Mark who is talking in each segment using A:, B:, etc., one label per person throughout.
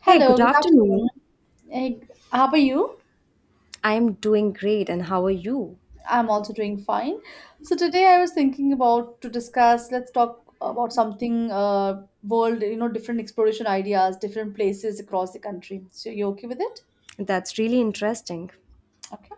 A: Hey,
B: Hello,
A: good
B: good
A: afternoon.
B: afternoon. Hey, how are you?
A: I'm doing great, and how are you?
B: I'm also doing fine. So today I was thinking about to discuss, let's talk about something world, different exploration ideas, different places across the country. So you okay with it?
A: That's really interesting.
B: Okay.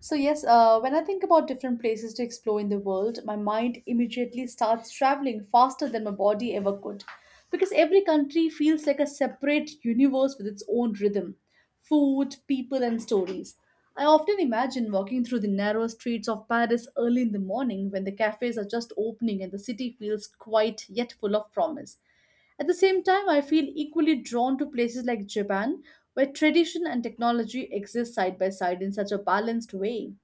B: So, yes, when I think about different places to explore in the world, my mind immediately starts traveling faster than my body ever could. Because every country feels like a separate universe with its own rhythm, food, people, and stories. I often imagine walking through the narrow streets of Paris early in the morning when the cafes are just opening and the city feels quiet yet full of promise. At the same time, I feel equally drawn to places like Japan, where tradition and technology exist side by side in such a balanced way.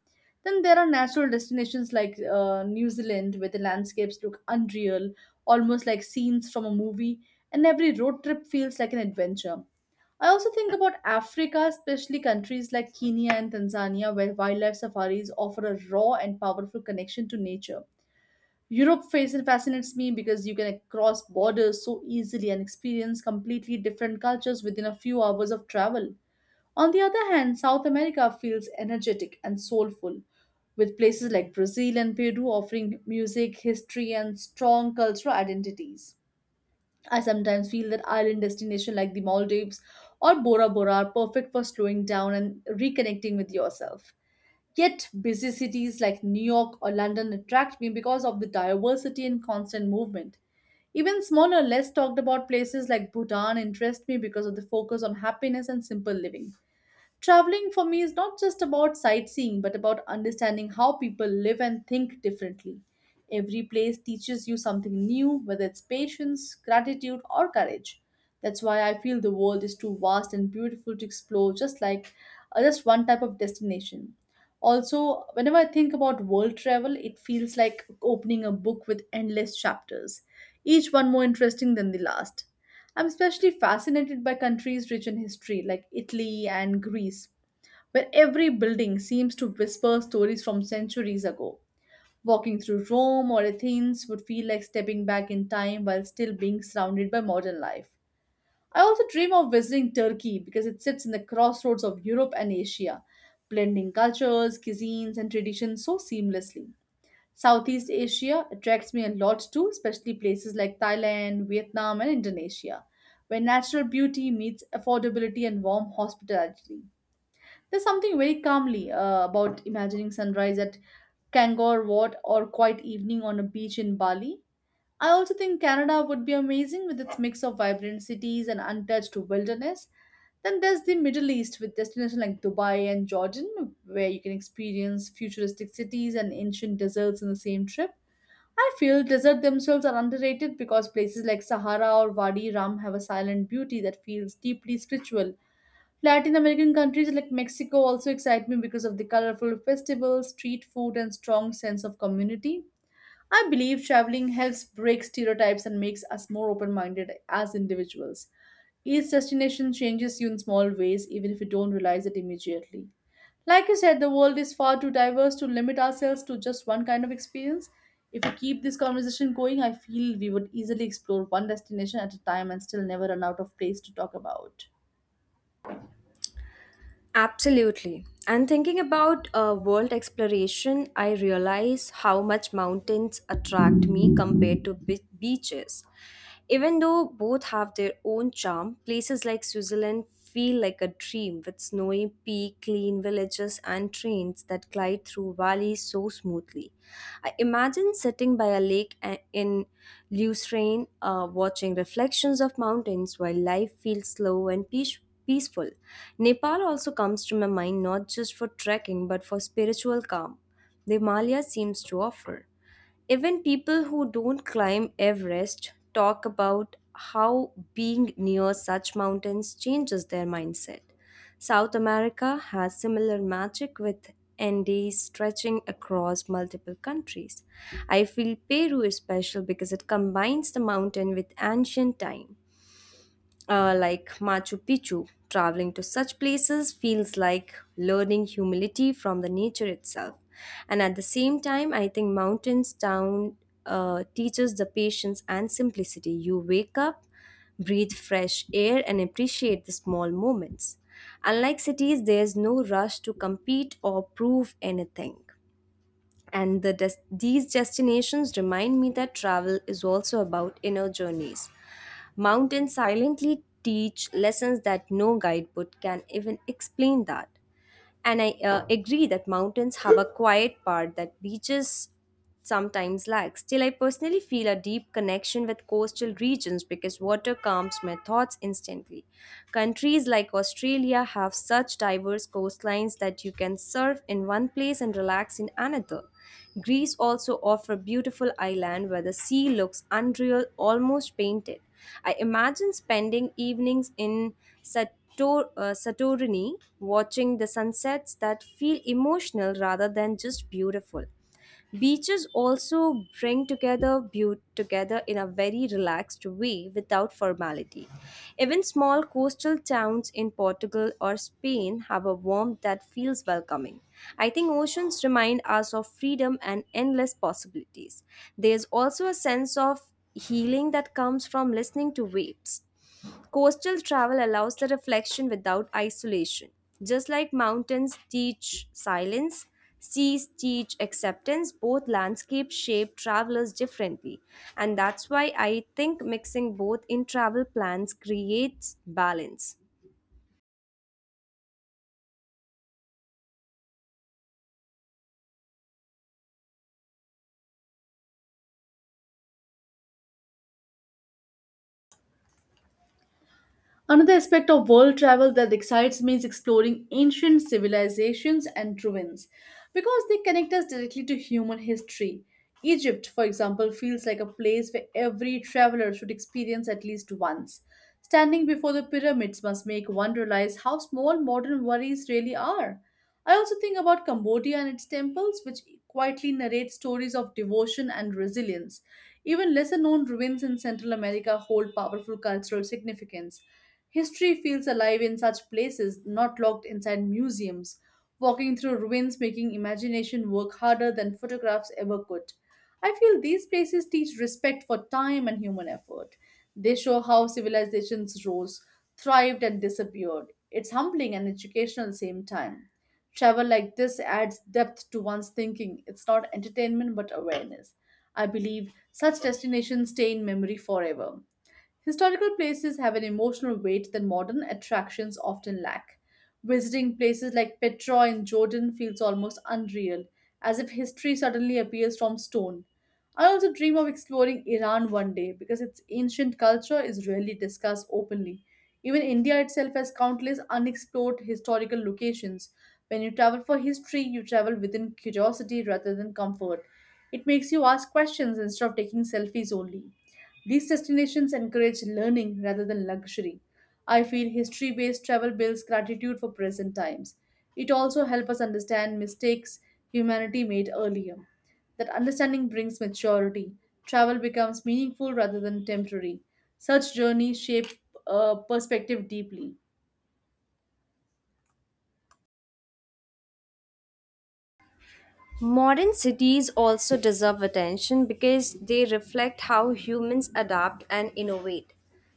B: Then there are natural destinations like New Zealand, where the landscapes look unreal, almost like scenes from a movie, and every road trip feels like an adventure. I also think about Africa, especially countries like Kenya and Tanzania, where wildlife safaris offer a raw and powerful connection to nature. Europe fascinates me because you can cross borders so easily and experience completely different cultures within a few hours of travel. On the other hand, South America feels energetic and soulful, with places like Brazil and Peru offering music, history, and strong cultural identities. I sometimes feel that island destinations like the Maldives or Bora Bora are perfect for slowing down and reconnecting with yourself. Yet, busy cities like New York or London attract me because of the diversity and constant movement. Even smaller, less talked about places like Bhutan interest me because of the focus on happiness and simple living. Traveling for me is not just about sightseeing, but about understanding how people live and think differently. Every place teaches you something new, whether it's patience, gratitude, or courage. That's why I feel the world is too vast and beautiful to explore, just like just one type of destination. Also, whenever I think about world travel, it feels like opening a book with endless chapters, each one more interesting than the last. I'm especially fascinated by countries rich in history like Italy and Greece, where every building seems to whisper stories from centuries ago. Walking through Rome or Athens would feel like stepping back in time while still being surrounded by modern life. I also dream of visiting Turkey because it sits in the crossroads of Europe and Asia, blending cultures, cuisines, and traditions so seamlessly. Southeast Asia attracts me a lot too, especially places like Thailand, Vietnam, and Indonesia, where natural beauty meets affordability and warm hospitality. There's something very calmly about imagining sunrise at Kangor Wat or quiet evening on a beach in Bali. I also think Canada would be amazing with its mix of vibrant cities and untouched wilderness. Then there's the Middle East with destinations like Dubai and Jordan, where you can experience futuristic cities and ancient deserts in the same trip. I feel deserts themselves are underrated because places like Sahara or Wadi Rum have a silent beauty that feels deeply spiritual. Latin American countries like Mexico also excite me because of the colorful festivals, street food, and strong sense of community. I believe traveling helps break stereotypes and makes us more open minded as individuals. Each destination changes you in small ways, even if you don't realize it immediately. Like you said, the world is far too diverse to limit ourselves to just one kind of experience. If we keep this conversation going, I feel we would easily explore one destination at a time and still never run out of place to talk about.
A: Absolutely. And thinking about world exploration, I realize how much mountains attract me compared to beaches. Even though both have their own charm, places like Switzerland feel like a dream with snowy peak, clean villages, and trains that glide through valleys so smoothly. I imagine sitting by a lake in Lucerne, watching reflections of mountains while life feels slow and peaceful. Nepal also comes to my mind not just for trekking but for spiritual calm. The Himalayas seems to offer. Even people who don't climb Everest talk about how being near such mountains changes their mindset. South America has similar magic with Andes stretching across multiple countries. I feel Peru is special because it combines the mountain with ancient time like Machu Picchu. Traveling to such places feels like learning humility from the nature itself. And at the same time, I think mountains town teaches the patience and simplicity. You wake up, breathe fresh air, and appreciate the small moments. Unlike cities, there's no rush to compete or prove anything. And the these destinations remind me that travel is also about inner journeys. Mountains silently teach lessons that no guidebook can even explain that. And I agree that mountains have a quiet part that beaches sometimes lacks. Still, I personally feel a deep connection with coastal regions because water calms my thoughts instantly. Countries like Australia have such diverse coastlines that you can surf in one place and relax in another. Greece also offers beautiful island where the sea looks unreal, almost painted. I imagine spending evenings in Santorini watching the sunsets that feel emotional rather than just beautiful. Beaches also bring together beaut together in a very relaxed way without formality. Even small coastal towns in Portugal or Spain have a warmth that feels welcoming. I think oceans remind us of freedom and endless possibilities. There's also a sense of healing that comes from listening to waves. Coastal travel allows the reflection without isolation. Just like mountains teach silence, seas teach acceptance, both landscapes shape travelers differently. And that's why I think mixing both in travel plans creates balance.
B: Another aspect of world travel that excites me is exploring ancient civilizations and ruins because they connect us directly to human history. Egypt, for example, feels like a place where every traveler should experience at least once. Standing before the pyramids must make one realize how small modern worries really are. I also think about Cambodia and its temples, which quietly narrate stories of devotion and resilience. Even lesser known ruins in Central America hold powerful cultural significance. History feels alive in such places, not locked inside museums. Walking through ruins making imagination work harder than photographs ever could. I feel these places teach respect for time and human effort. They show how civilizations rose, thrived, and disappeared. It's humbling and educational at the same time. Travel like this adds depth to one's thinking. It's not entertainment but awareness. I believe such destinations stay in memory forever. Historical places have an emotional weight that modern attractions often lack. Visiting places like Petra in Jordan feels almost unreal, as if history suddenly appears from stone. I also dream of exploring Iran one day because its ancient culture is rarely discussed openly. Even India itself has countless unexplored historical locations. When you travel for history, you travel within curiosity rather than comfort. It makes you ask questions instead of taking selfies only. These destinations encourage learning rather than luxury. I feel history based travel builds gratitude for present times. It also helps us understand mistakes humanity made earlier. That understanding brings maturity. Travel becomes meaningful rather than temporary. Such journeys shape perspective deeply.
A: Modern cities also deserve attention because they reflect how humans adapt and innovate.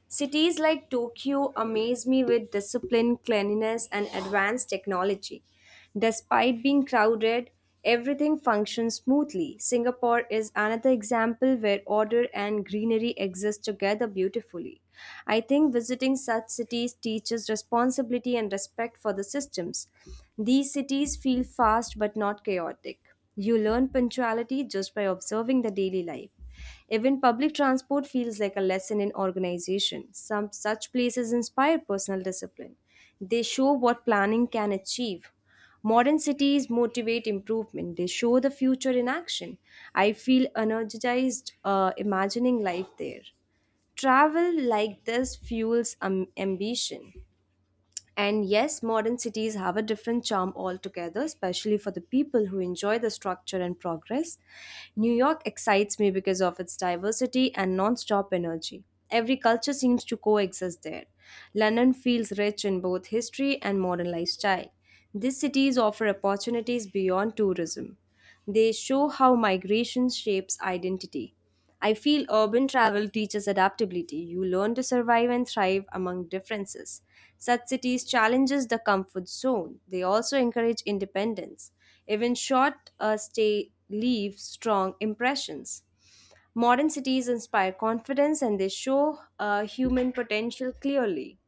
A: Cities like Tokyo amaze me with discipline, cleanliness, and advanced technology. Despite being crowded, everything functions smoothly. Singapore is another example where order and greenery exist together beautifully. I think visiting such cities teaches responsibility and respect for the systems. These cities feel fast but not chaotic. You learn punctuality just by observing the daily life. Even public transport feels like a lesson in organization. Some such places inspire personal discipline. They show what planning can achieve. Modern cities motivate improvement. They show the future in action. I feel energized imagining life there. Travel like this fuels ambition. And yes, modern cities have a different charm altogether, especially for the people who enjoy the structure and progress. New York excites me because of its diversity and non stop energy. Every culture seems to coexist there. London feels rich in both history and modern lifestyle. These cities offer opportunities beyond tourism. They show how migration shapes identity. I feel urban travel teaches adaptability. You learn to survive and thrive among differences. Such cities challenges the comfort zone. They also encourage independence. Even short stay leave strong impressions. Modern cities inspire confidence and they show human potential clearly.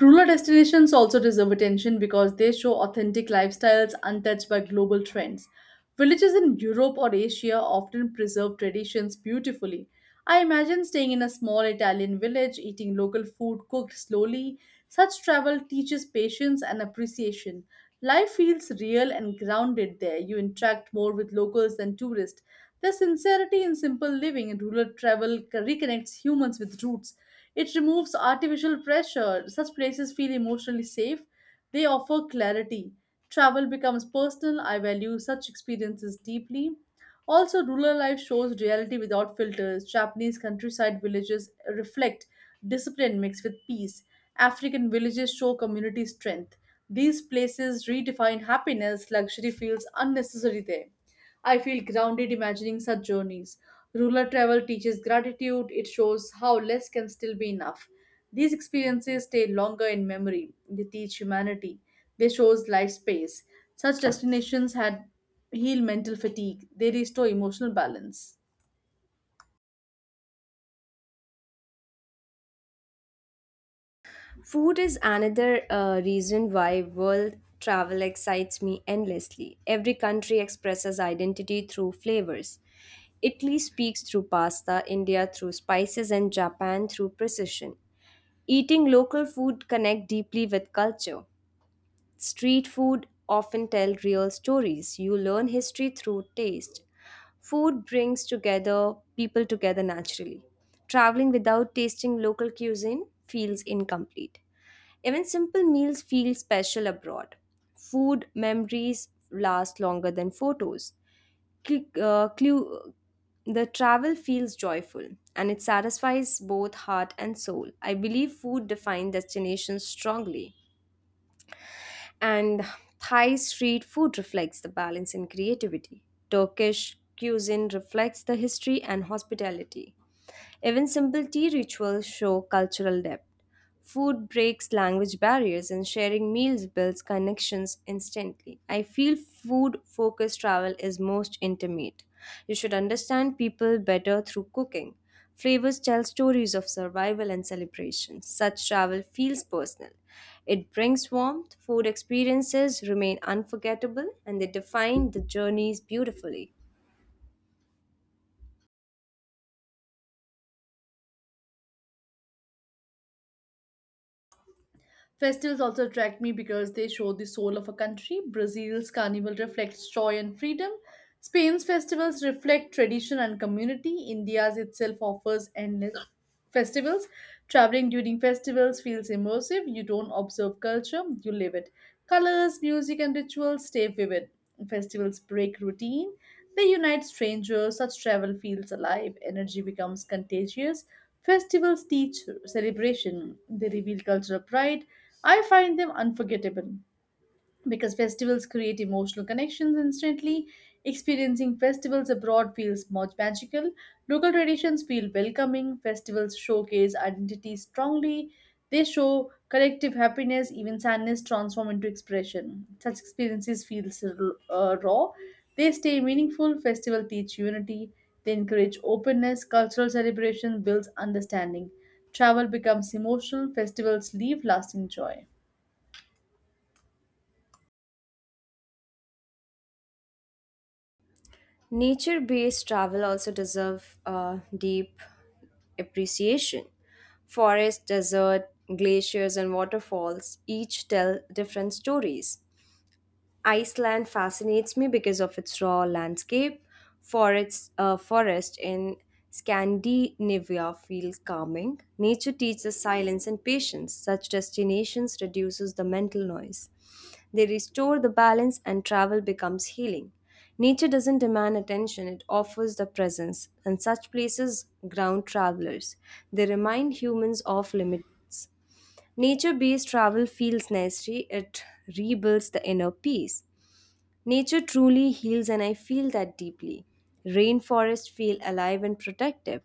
B: Rural destinations also deserve attention because they show authentic lifestyles untouched by global trends. Villages in Europe or Asia often preserve traditions beautifully. I imagine staying in a small Italian village, eating local food cooked slowly. Such travel teaches patience and appreciation. Life feels real and grounded there. You interact more with locals than tourists. The sincerity in simple living in rural travel reconnects humans with roots. It removes artificial pressure. Such places feel emotionally safe. They offer clarity. Travel becomes personal. I value such experiences deeply. Also, rural life shows reality without filters. Japanese countryside villages reflect discipline mixed with peace. African villages show community strength. These places redefine happiness. Luxury feels unnecessary there. I feel grounded imagining such journeys. Rural travel teaches gratitude, it shows how less can still be enough. These experiences stay longer in memory. They teach humanity. They shows life space. Such destinations had heal mental fatigue. They restore emotional balance.
A: Food is another reason why world travel excites me endlessly. Every country expresses identity through flavors. Italy speaks through pasta, India through spices, and Japan through precision. Eating local food connect deeply with culture. Street food often tell real stories. You learn history through taste. Food brings together people together naturally. Traveling without tasting local cuisine feels incomplete. Even simple meals feel special abroad. Food memories last longer than photos. Cl- uh, clu- the travel feels joyful and it satisfies both heart and soul. I believe food defines destinations strongly, and Thai street food reflects the balance in creativity. Turkish cuisine reflects the history and hospitality. Even simple tea rituals show cultural depth. Food breaks language barriers and sharing meals builds connections instantly. I feel food focused travel is most intimate. You should understand people better through cooking. Flavors tell stories of survival and celebration. Such travel feels personal. It brings warmth, food experiences remain unforgettable, and they define the journeys beautifully.
B: Festivals also attract me because they show the soul of a country. Brazil's carnival reflects joy and freedom. Spain's festivals reflect tradition and community. India's itself offers endless festivals. Traveling during festivals feels immersive. You don't observe culture, you live it. Colors, music, and rituals stay vivid. Festivals break routine. They unite strangers. Such travel feels alive. Energy becomes contagious. Festivals teach celebration. They reveal cultural pride. I find them unforgettable because festivals create emotional connections instantly. Experiencing festivals abroad feels much magical. Local traditions feel welcoming. Festivals showcase identity strongly. They show collective happiness, even sadness transform into expression. Such experiences feel raw. They stay meaningful. Festival teach unity. They encourage openness. Cultural celebration builds understanding. Travel becomes emotional. Festivals leave lasting joy.
A: Nature based travel also deserve a deep appreciation. Forests, desert, glaciers, and waterfalls each tell different stories. Iceland fascinates me because of its raw landscape. Forest in Scandinavia feel calming. Nature teaches silence and patience. Such destinations reduces the mental noise. They restore the balance and travel becomes healing. Nature doesn't demand attention, it offers the presence, and such places ground travelers. They remind humans of limits. Nature based travel feels necessary, it rebuilds the inner peace. Nature truly heals, and I feel that deeply. Rainforests feel alive and protective.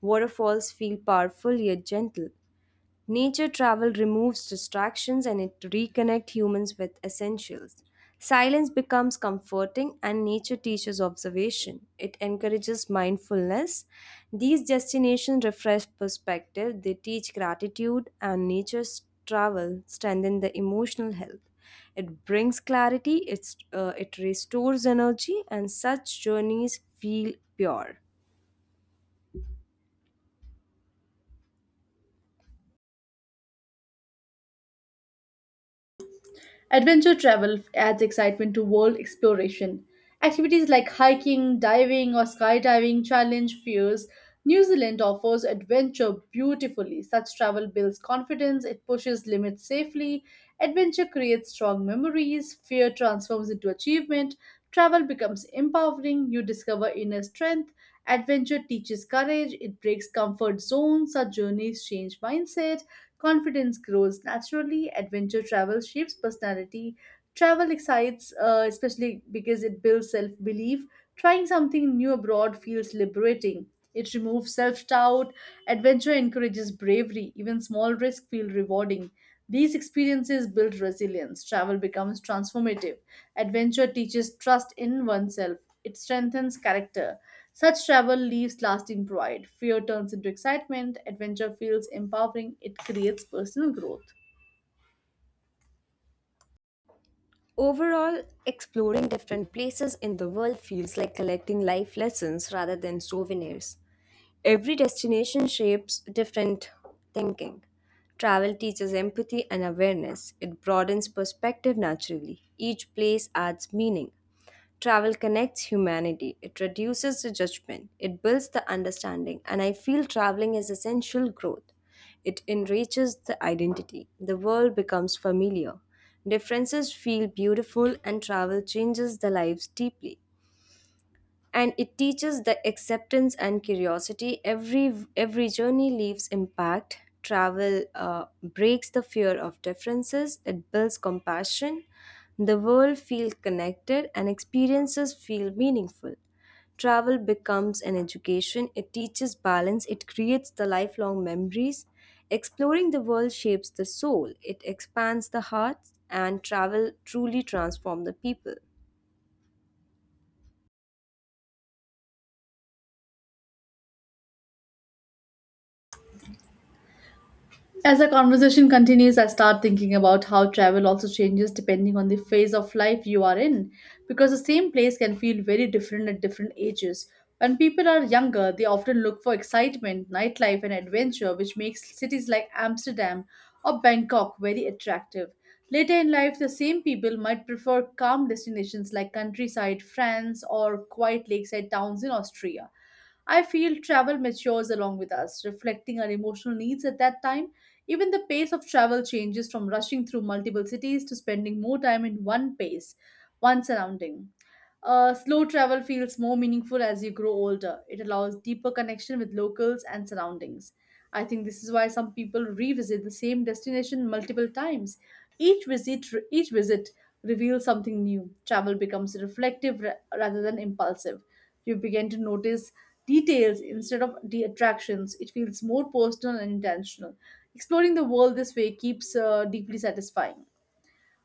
A: Waterfalls feel powerful yet gentle. Nature travel removes distractions and it reconnects humans with essentials. Silence becomes comforting and nature teaches observation. It encourages mindfulness. These destinations refresh perspective, they teach gratitude, and nature's travel strengthens the emotional health. It brings clarity, it restores energy, and such journeys feel pure.
B: Adventure travel adds excitement to world exploration. Activities like hiking, diving, or skydiving challenge fears. New Zealand offers adventure beautifully. Such travel builds confidence, it pushes limits safely. Adventure creates strong memories, fear transforms into achievement. Travel becomes empowering, you discover inner strength. Adventure teaches courage, it breaks comfort zones. Such journeys change mindset. Confidence grows naturally, adventure travel shapes personality. Travel excites, especially because it builds self belief. Trying something new abroad feels liberating. It removes self doubt, adventure encourages bravery, even small risks feel rewarding. These experiences build resilience. Travel becomes transformative. Adventure teaches trust in oneself. It strengthens character. Such travel leaves lasting pride. Fear turns into excitement. Adventure feels empowering. It creates personal growth.
A: Overall, exploring different places in the world feels like collecting life lessons rather than souvenirs. Every destination shapes different thinking. Travel teaches empathy and awareness, it broadens perspective naturally. Each place adds meaning. Travel connects humanity, it reduces the judgment, it builds the understanding, and I feel traveling is essential growth. It enriches the identity, the world becomes familiar. Differences feel beautiful, and travel changes the lives deeply and it teaches the acceptance and curiosity. Every journey leaves impact. Travel breaks the fear of differences, it builds compassion. The world feels connected and experiences feel meaningful. Travel becomes an education, it teaches balance, it creates the lifelong memories. Exploring the world shapes the soul, it expands the heart, and travel truly transforms the people.
B: As our conversation continues, I start thinking about how travel also changes depending on the phase of life you are in, because the same place can feel very different at different ages. When people are younger, they often look for excitement, nightlife, and adventure, which makes cities like Amsterdam or Bangkok very attractive. Later in life, the same people might prefer calm destinations like countryside France or quiet lakeside towns in Austria. I feel travel matures along with us, reflecting our emotional needs at that time. Even the pace of travel changes from rushing through multiple cities to spending more time in one pace, one surrounding. Slow travel feels more meaningful as you grow older. It allows deeper connection with locals and surroundings. I think this is why some people revisit the same destination multiple times. Each visit reveals something new. Travel becomes reflective rather than impulsive. You begin to notice details instead of the attractions. It feels more personal and intentional. Exploring the world this way keeps deeply satisfying.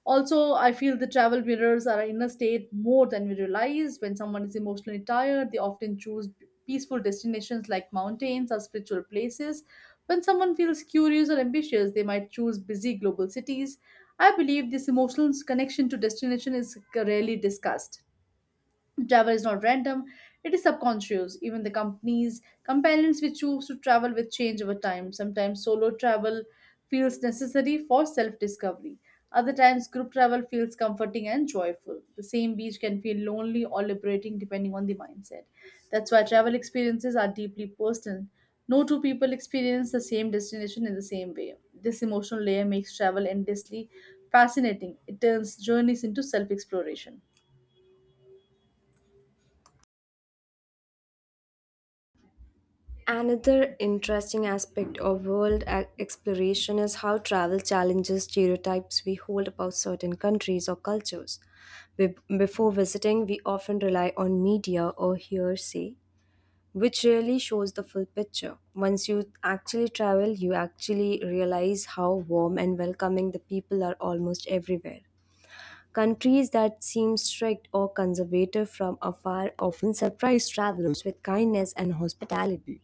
B: Also, I feel the travel mirrors are our inner state more than we realize. When someone is emotionally tired, they often choose peaceful destinations like mountains or spiritual places. When someone feels curious or ambitious, they might choose busy global cities. I believe this emotional connection to destination is rarely discussed. Travel is not random, it is subconscious. Even the companions we choose to travel with change over time. Sometimes solo travel feels necessary for self discovery. Other times, group travel feels comforting and joyful. The same beach can feel lonely or liberating depending on the mindset. That's why travel experiences are deeply personal. No two people experience the same destination in the same way. This emotional layer makes travel endlessly fascinating. It turns journeys into self exploration.
A: Another interesting aspect of world exploration is how travel challenges stereotypes we hold about certain countries or cultures. Before visiting, we often rely on media or hearsay, which rarely shows the full picture. Once you actually travel, you actually realize how warm and welcoming the people are almost everywhere. Countries that seem strict or conservative from afar often surprise travelers with kindness and hospitality.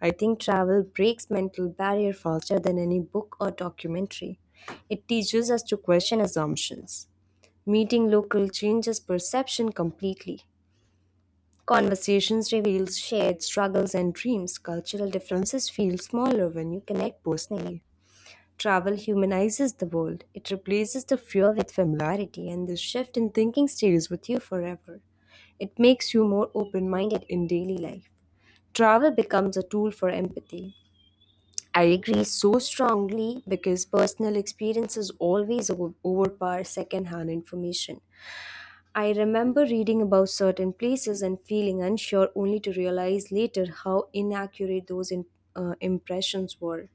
A: I think travel breaks mental barrier faster than any book or documentary. It teaches us to question assumptions. Meeting local changes perception completely. Conversations reveals shared struggles and dreams. Cultural differences feel smaller when you connect personally. Travel humanizes the world. It replaces the fear with familiarity, and this shift in thinking stays with you forever. It makes you more open minded in daily life. Travel becomes a tool for empathy. I agree so strongly because personal experiences always overpower second-hand information. I remember reading about certain places and feeling unsure only to realize later how inaccurate those impressions were.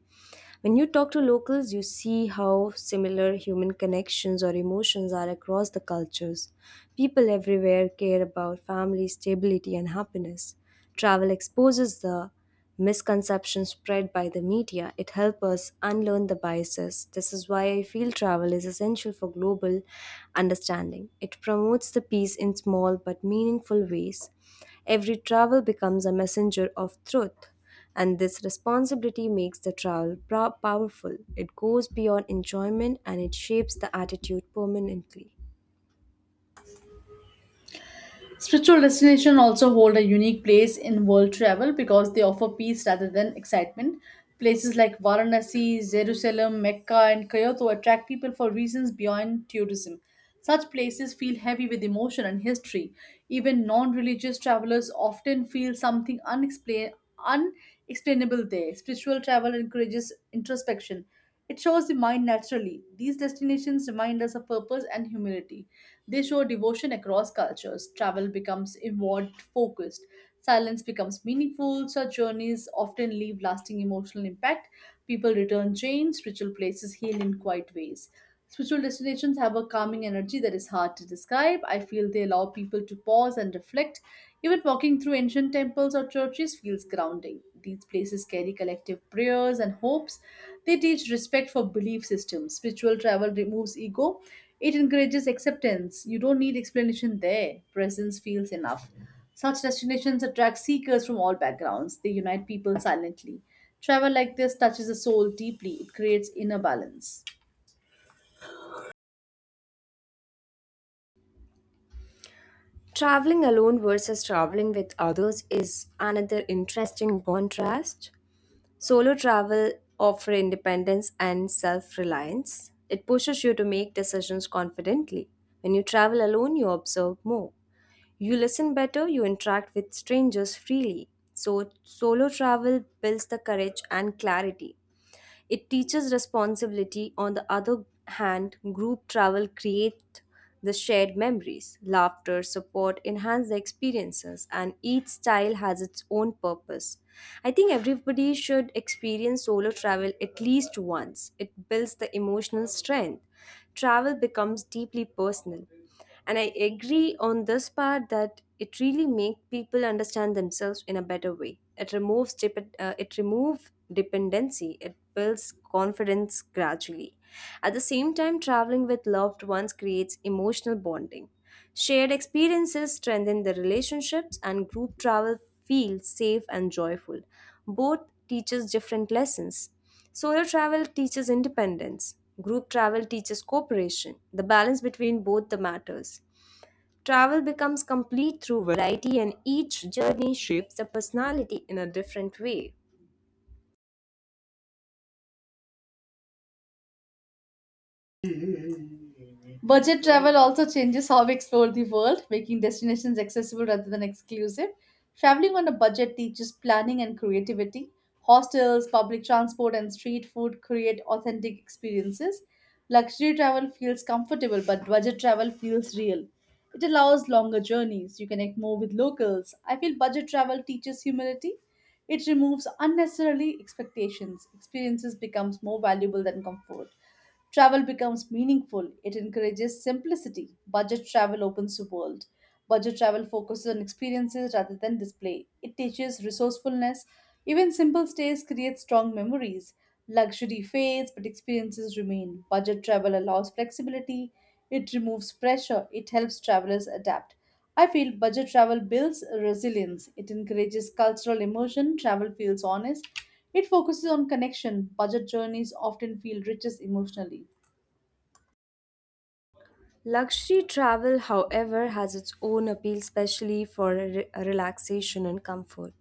A: When you talk to locals, you see how similar human connections or emotions are across the cultures. People everywhere care about family stability and happiness. Travel exposes the misconceptions spread by the media. It helps us unlearn the biases. This is why I feel travel is essential for global understanding. It promotes the peace in small but meaningful ways. Every travel becomes a messenger of truth, and this responsibility makes the travel powerful. It goes beyond enjoyment and it shapes the attitude permanently.
B: Spiritual destinations also hold a unique place in world travel because they offer peace rather than excitement. Places like Varanasi, Jerusalem, Mecca, and Kyoto attract people for reasons beyond tourism. Such places feel heavy with emotion and history. Even non religious travelers often feel something unexplainable there. Spiritual travel encourages introspection, it shows the mind naturally. These destinations remind us of purpose and humility. They show devotion across cultures. Travel becomes inward focused. Silence becomes meaningful. Such journeys often leave lasting emotional impact. People return changed. Spiritual places heal in quiet ways. Spiritual destinations have a calming energy that is hard to describe. I feel they allow people to pause and reflect. Even walking through ancient temples or churches feels grounding. These places carry collective prayers and hopes. They teach respect for belief systems. Spiritual travel removes ego, it encourages acceptance. You don't need explanation there, presence feels enough. Such destinations attract seekers from all backgrounds, they unite people silently. Travel like this touches the soul deeply, it creates inner balance.
A: Traveling alone versus traveling with others is another interesting contrast. Solo travel offers independence and self reliance. It pushes you to make decisions confidently. When you travel alone, you observe more. You listen better, you interact with strangers freely. So, solo travel builds the courage and clarity. It teaches responsibility. On the other hand, group travel creates the shared memories. Laughter, support enhance the experiences, and each style has its own purpose. I think everybody should experience solo travel at least once. It builds the emotional strength. Travel becomes deeply personal and I agree on this part that it really makes people understand themselves in a better way. It removes it remove dependency, it builds confidence gradually. At the same time, traveling with loved ones creates emotional bonding. Shared experiences strengthen the relationships and group travel feels safe and joyful. Both teaches different lessons. Solo travel teaches independence. Group travel teaches cooperation. The balance between both the matters. Travel becomes complete through variety and each journey shapes the personality in a different way.
B: Budget travel also changes how we explore the world, making destinations accessible rather than exclusive. Traveling on a budget teaches planning and creativity. Hostels, public transport, and street food create authentic experiences. Luxury travel feels comfortable, but budget travel feels real. It allows longer journeys. You connect more with locals. I feel budget travel teaches humility. It removes unnecessarily expectations. Experiences becomes more valuable than comfort. Travel becomes meaningful. It encourages simplicity. Budget travel opens the world. Budget travel focuses on experiences rather than display. It teaches resourcefulness. Even simple stays create strong memories. Luxury fades, but experiences remain. Budget travel allows flexibility. It removes pressure. It helps travelers adapt. I feel budget travel builds resilience. It encourages cultural immersion. Travel feels honest. It focuses on connection. Budget journeys often feel richest emotionally.
A: Luxury travel, however, has its own appeal, especially for relaxation and comfort.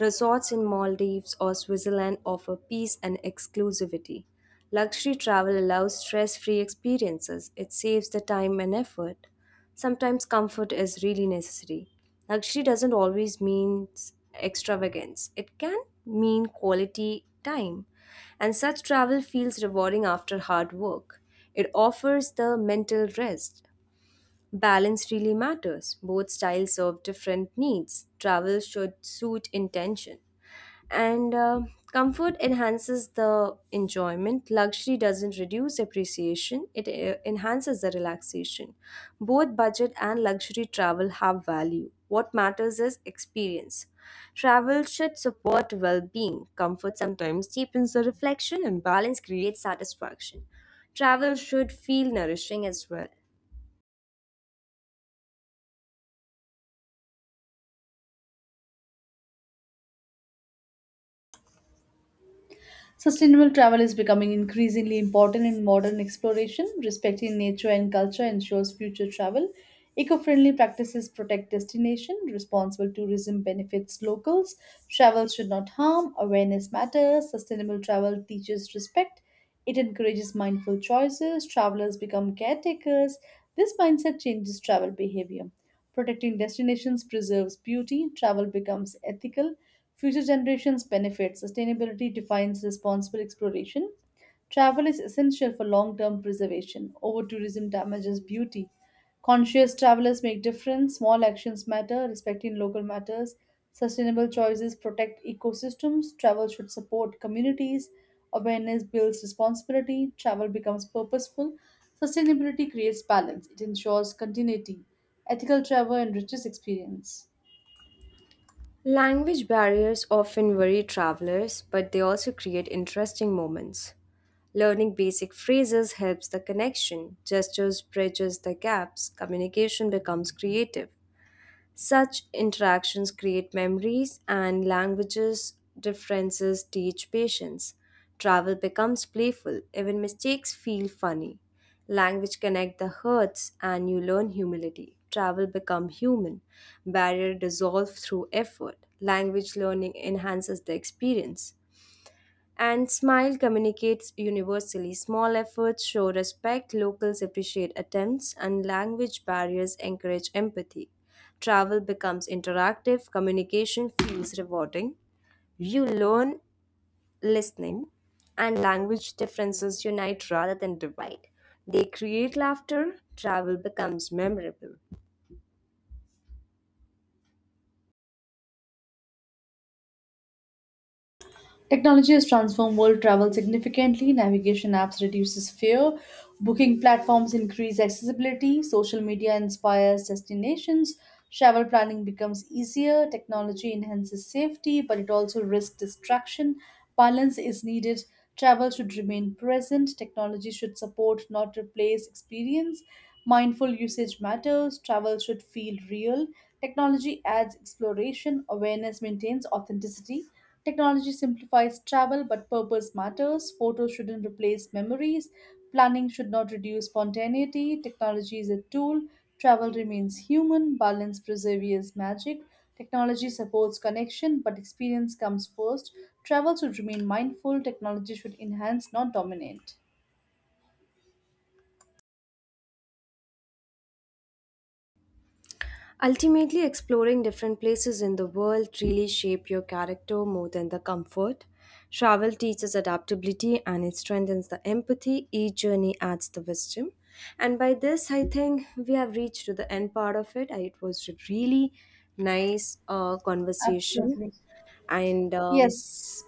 A: Resorts in Maldives or Switzerland offer peace and exclusivity. Luxury travel allows stress free experiences, it saves the time and effort. Sometimes comfort is really necessary. Luxury doesn't always mean extravagance, it can mean quality time. And such travel feels rewarding after hard work. It offers the mental rest. Balance really matters. Both styles serve different needs. Travel should suit intention. And comfort enhances the enjoyment. Luxury doesn't reduce appreciation, it enhances the relaxation. Both budget and luxury travel have value. What matters is experience. Travel should support well being. Comfort sometimes deepens the reflection, and balance creates satisfaction. Travel should feel nourishing as well.
B: Sustainable travel is becoming increasingly important in modern exploration. Respecting nature and culture ensures future travel. Eco friendly practices protect destination. Responsible tourism benefits locals. Travel should not harm. Awareness matters. Sustainable travel teaches respect. It encourages mindful choices. Travelers become caretakers. This mindset changes travel behavior. Protecting destinations preserves beauty, travel becomes ethical, future generations benefit, sustainability defines responsible exploration. Travel is essential for long term preservation. Over tourism damages beauty. Conscious travelers make difference. Small actions matter. Respecting local matters. Sustainable choices protect ecosystems. Travel should support communities. Awareness builds responsibility. Travel becomes purposeful. Sustainability creates balance. It ensures continuity. Ethical travel enriches experience.
A: Language barriers often worry travelers, but they also create interesting moments. Learning basic phrases helps the connection, gestures bridges the gaps, communication becomes creative. Such interactions create memories, and languages differences teach patience. Travel becomes playful, even mistakes feel funny. Language connect the hearts, and you learn humility. Travel become human. Barrier dissolve through effort. Language learning enhances the experience. And smile communicates universally. Small efforts show respect, locals appreciate attempts, and language barriers encourage empathy. Travel becomes interactive, communication feels rewarding. You learn listening, and language differences unite rather than divide. They create laughter, travel becomes memorable.
B: Technology has transformed world travel significantly. Navigation apps reduces fear, booking platforms increase accessibility, social media inspires destinations, travel planning becomes easier, technology enhances safety, but it also risks distraction. Balance is needed. Travel should remain present. Technology should support, not replace experience. Mindful usage matters. Travel should feel real. Technology adds exploration. Awareness maintains authenticity. Technology simplifies travel, but purpose matters. Photos shouldn't replace memories. Planning should not reduce spontaneity. Technology is a tool. Travel remains human. Balance preserves magic. Technology supports connection, but experience comes first. Travel should remain mindful. Technology should enhance, not dominate.
A: Ultimately, exploring different places in the world really shape your character more than the comfort. Travel teaches adaptability and it strengthens the empathy. Each journey adds the wisdom. And by this, I think we have reached to the end part of it. It was a really nice conversation.
B: Absolutely.
A: And
B: Yes,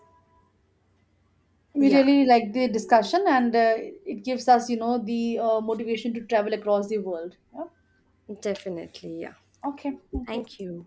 B: we
A: yeah,
B: really like the discussion, and it gives us, the motivation to travel across the world. Yeah.
A: definitely. Yeah. Okay.
B: Okay, thank you.
A: Thank you.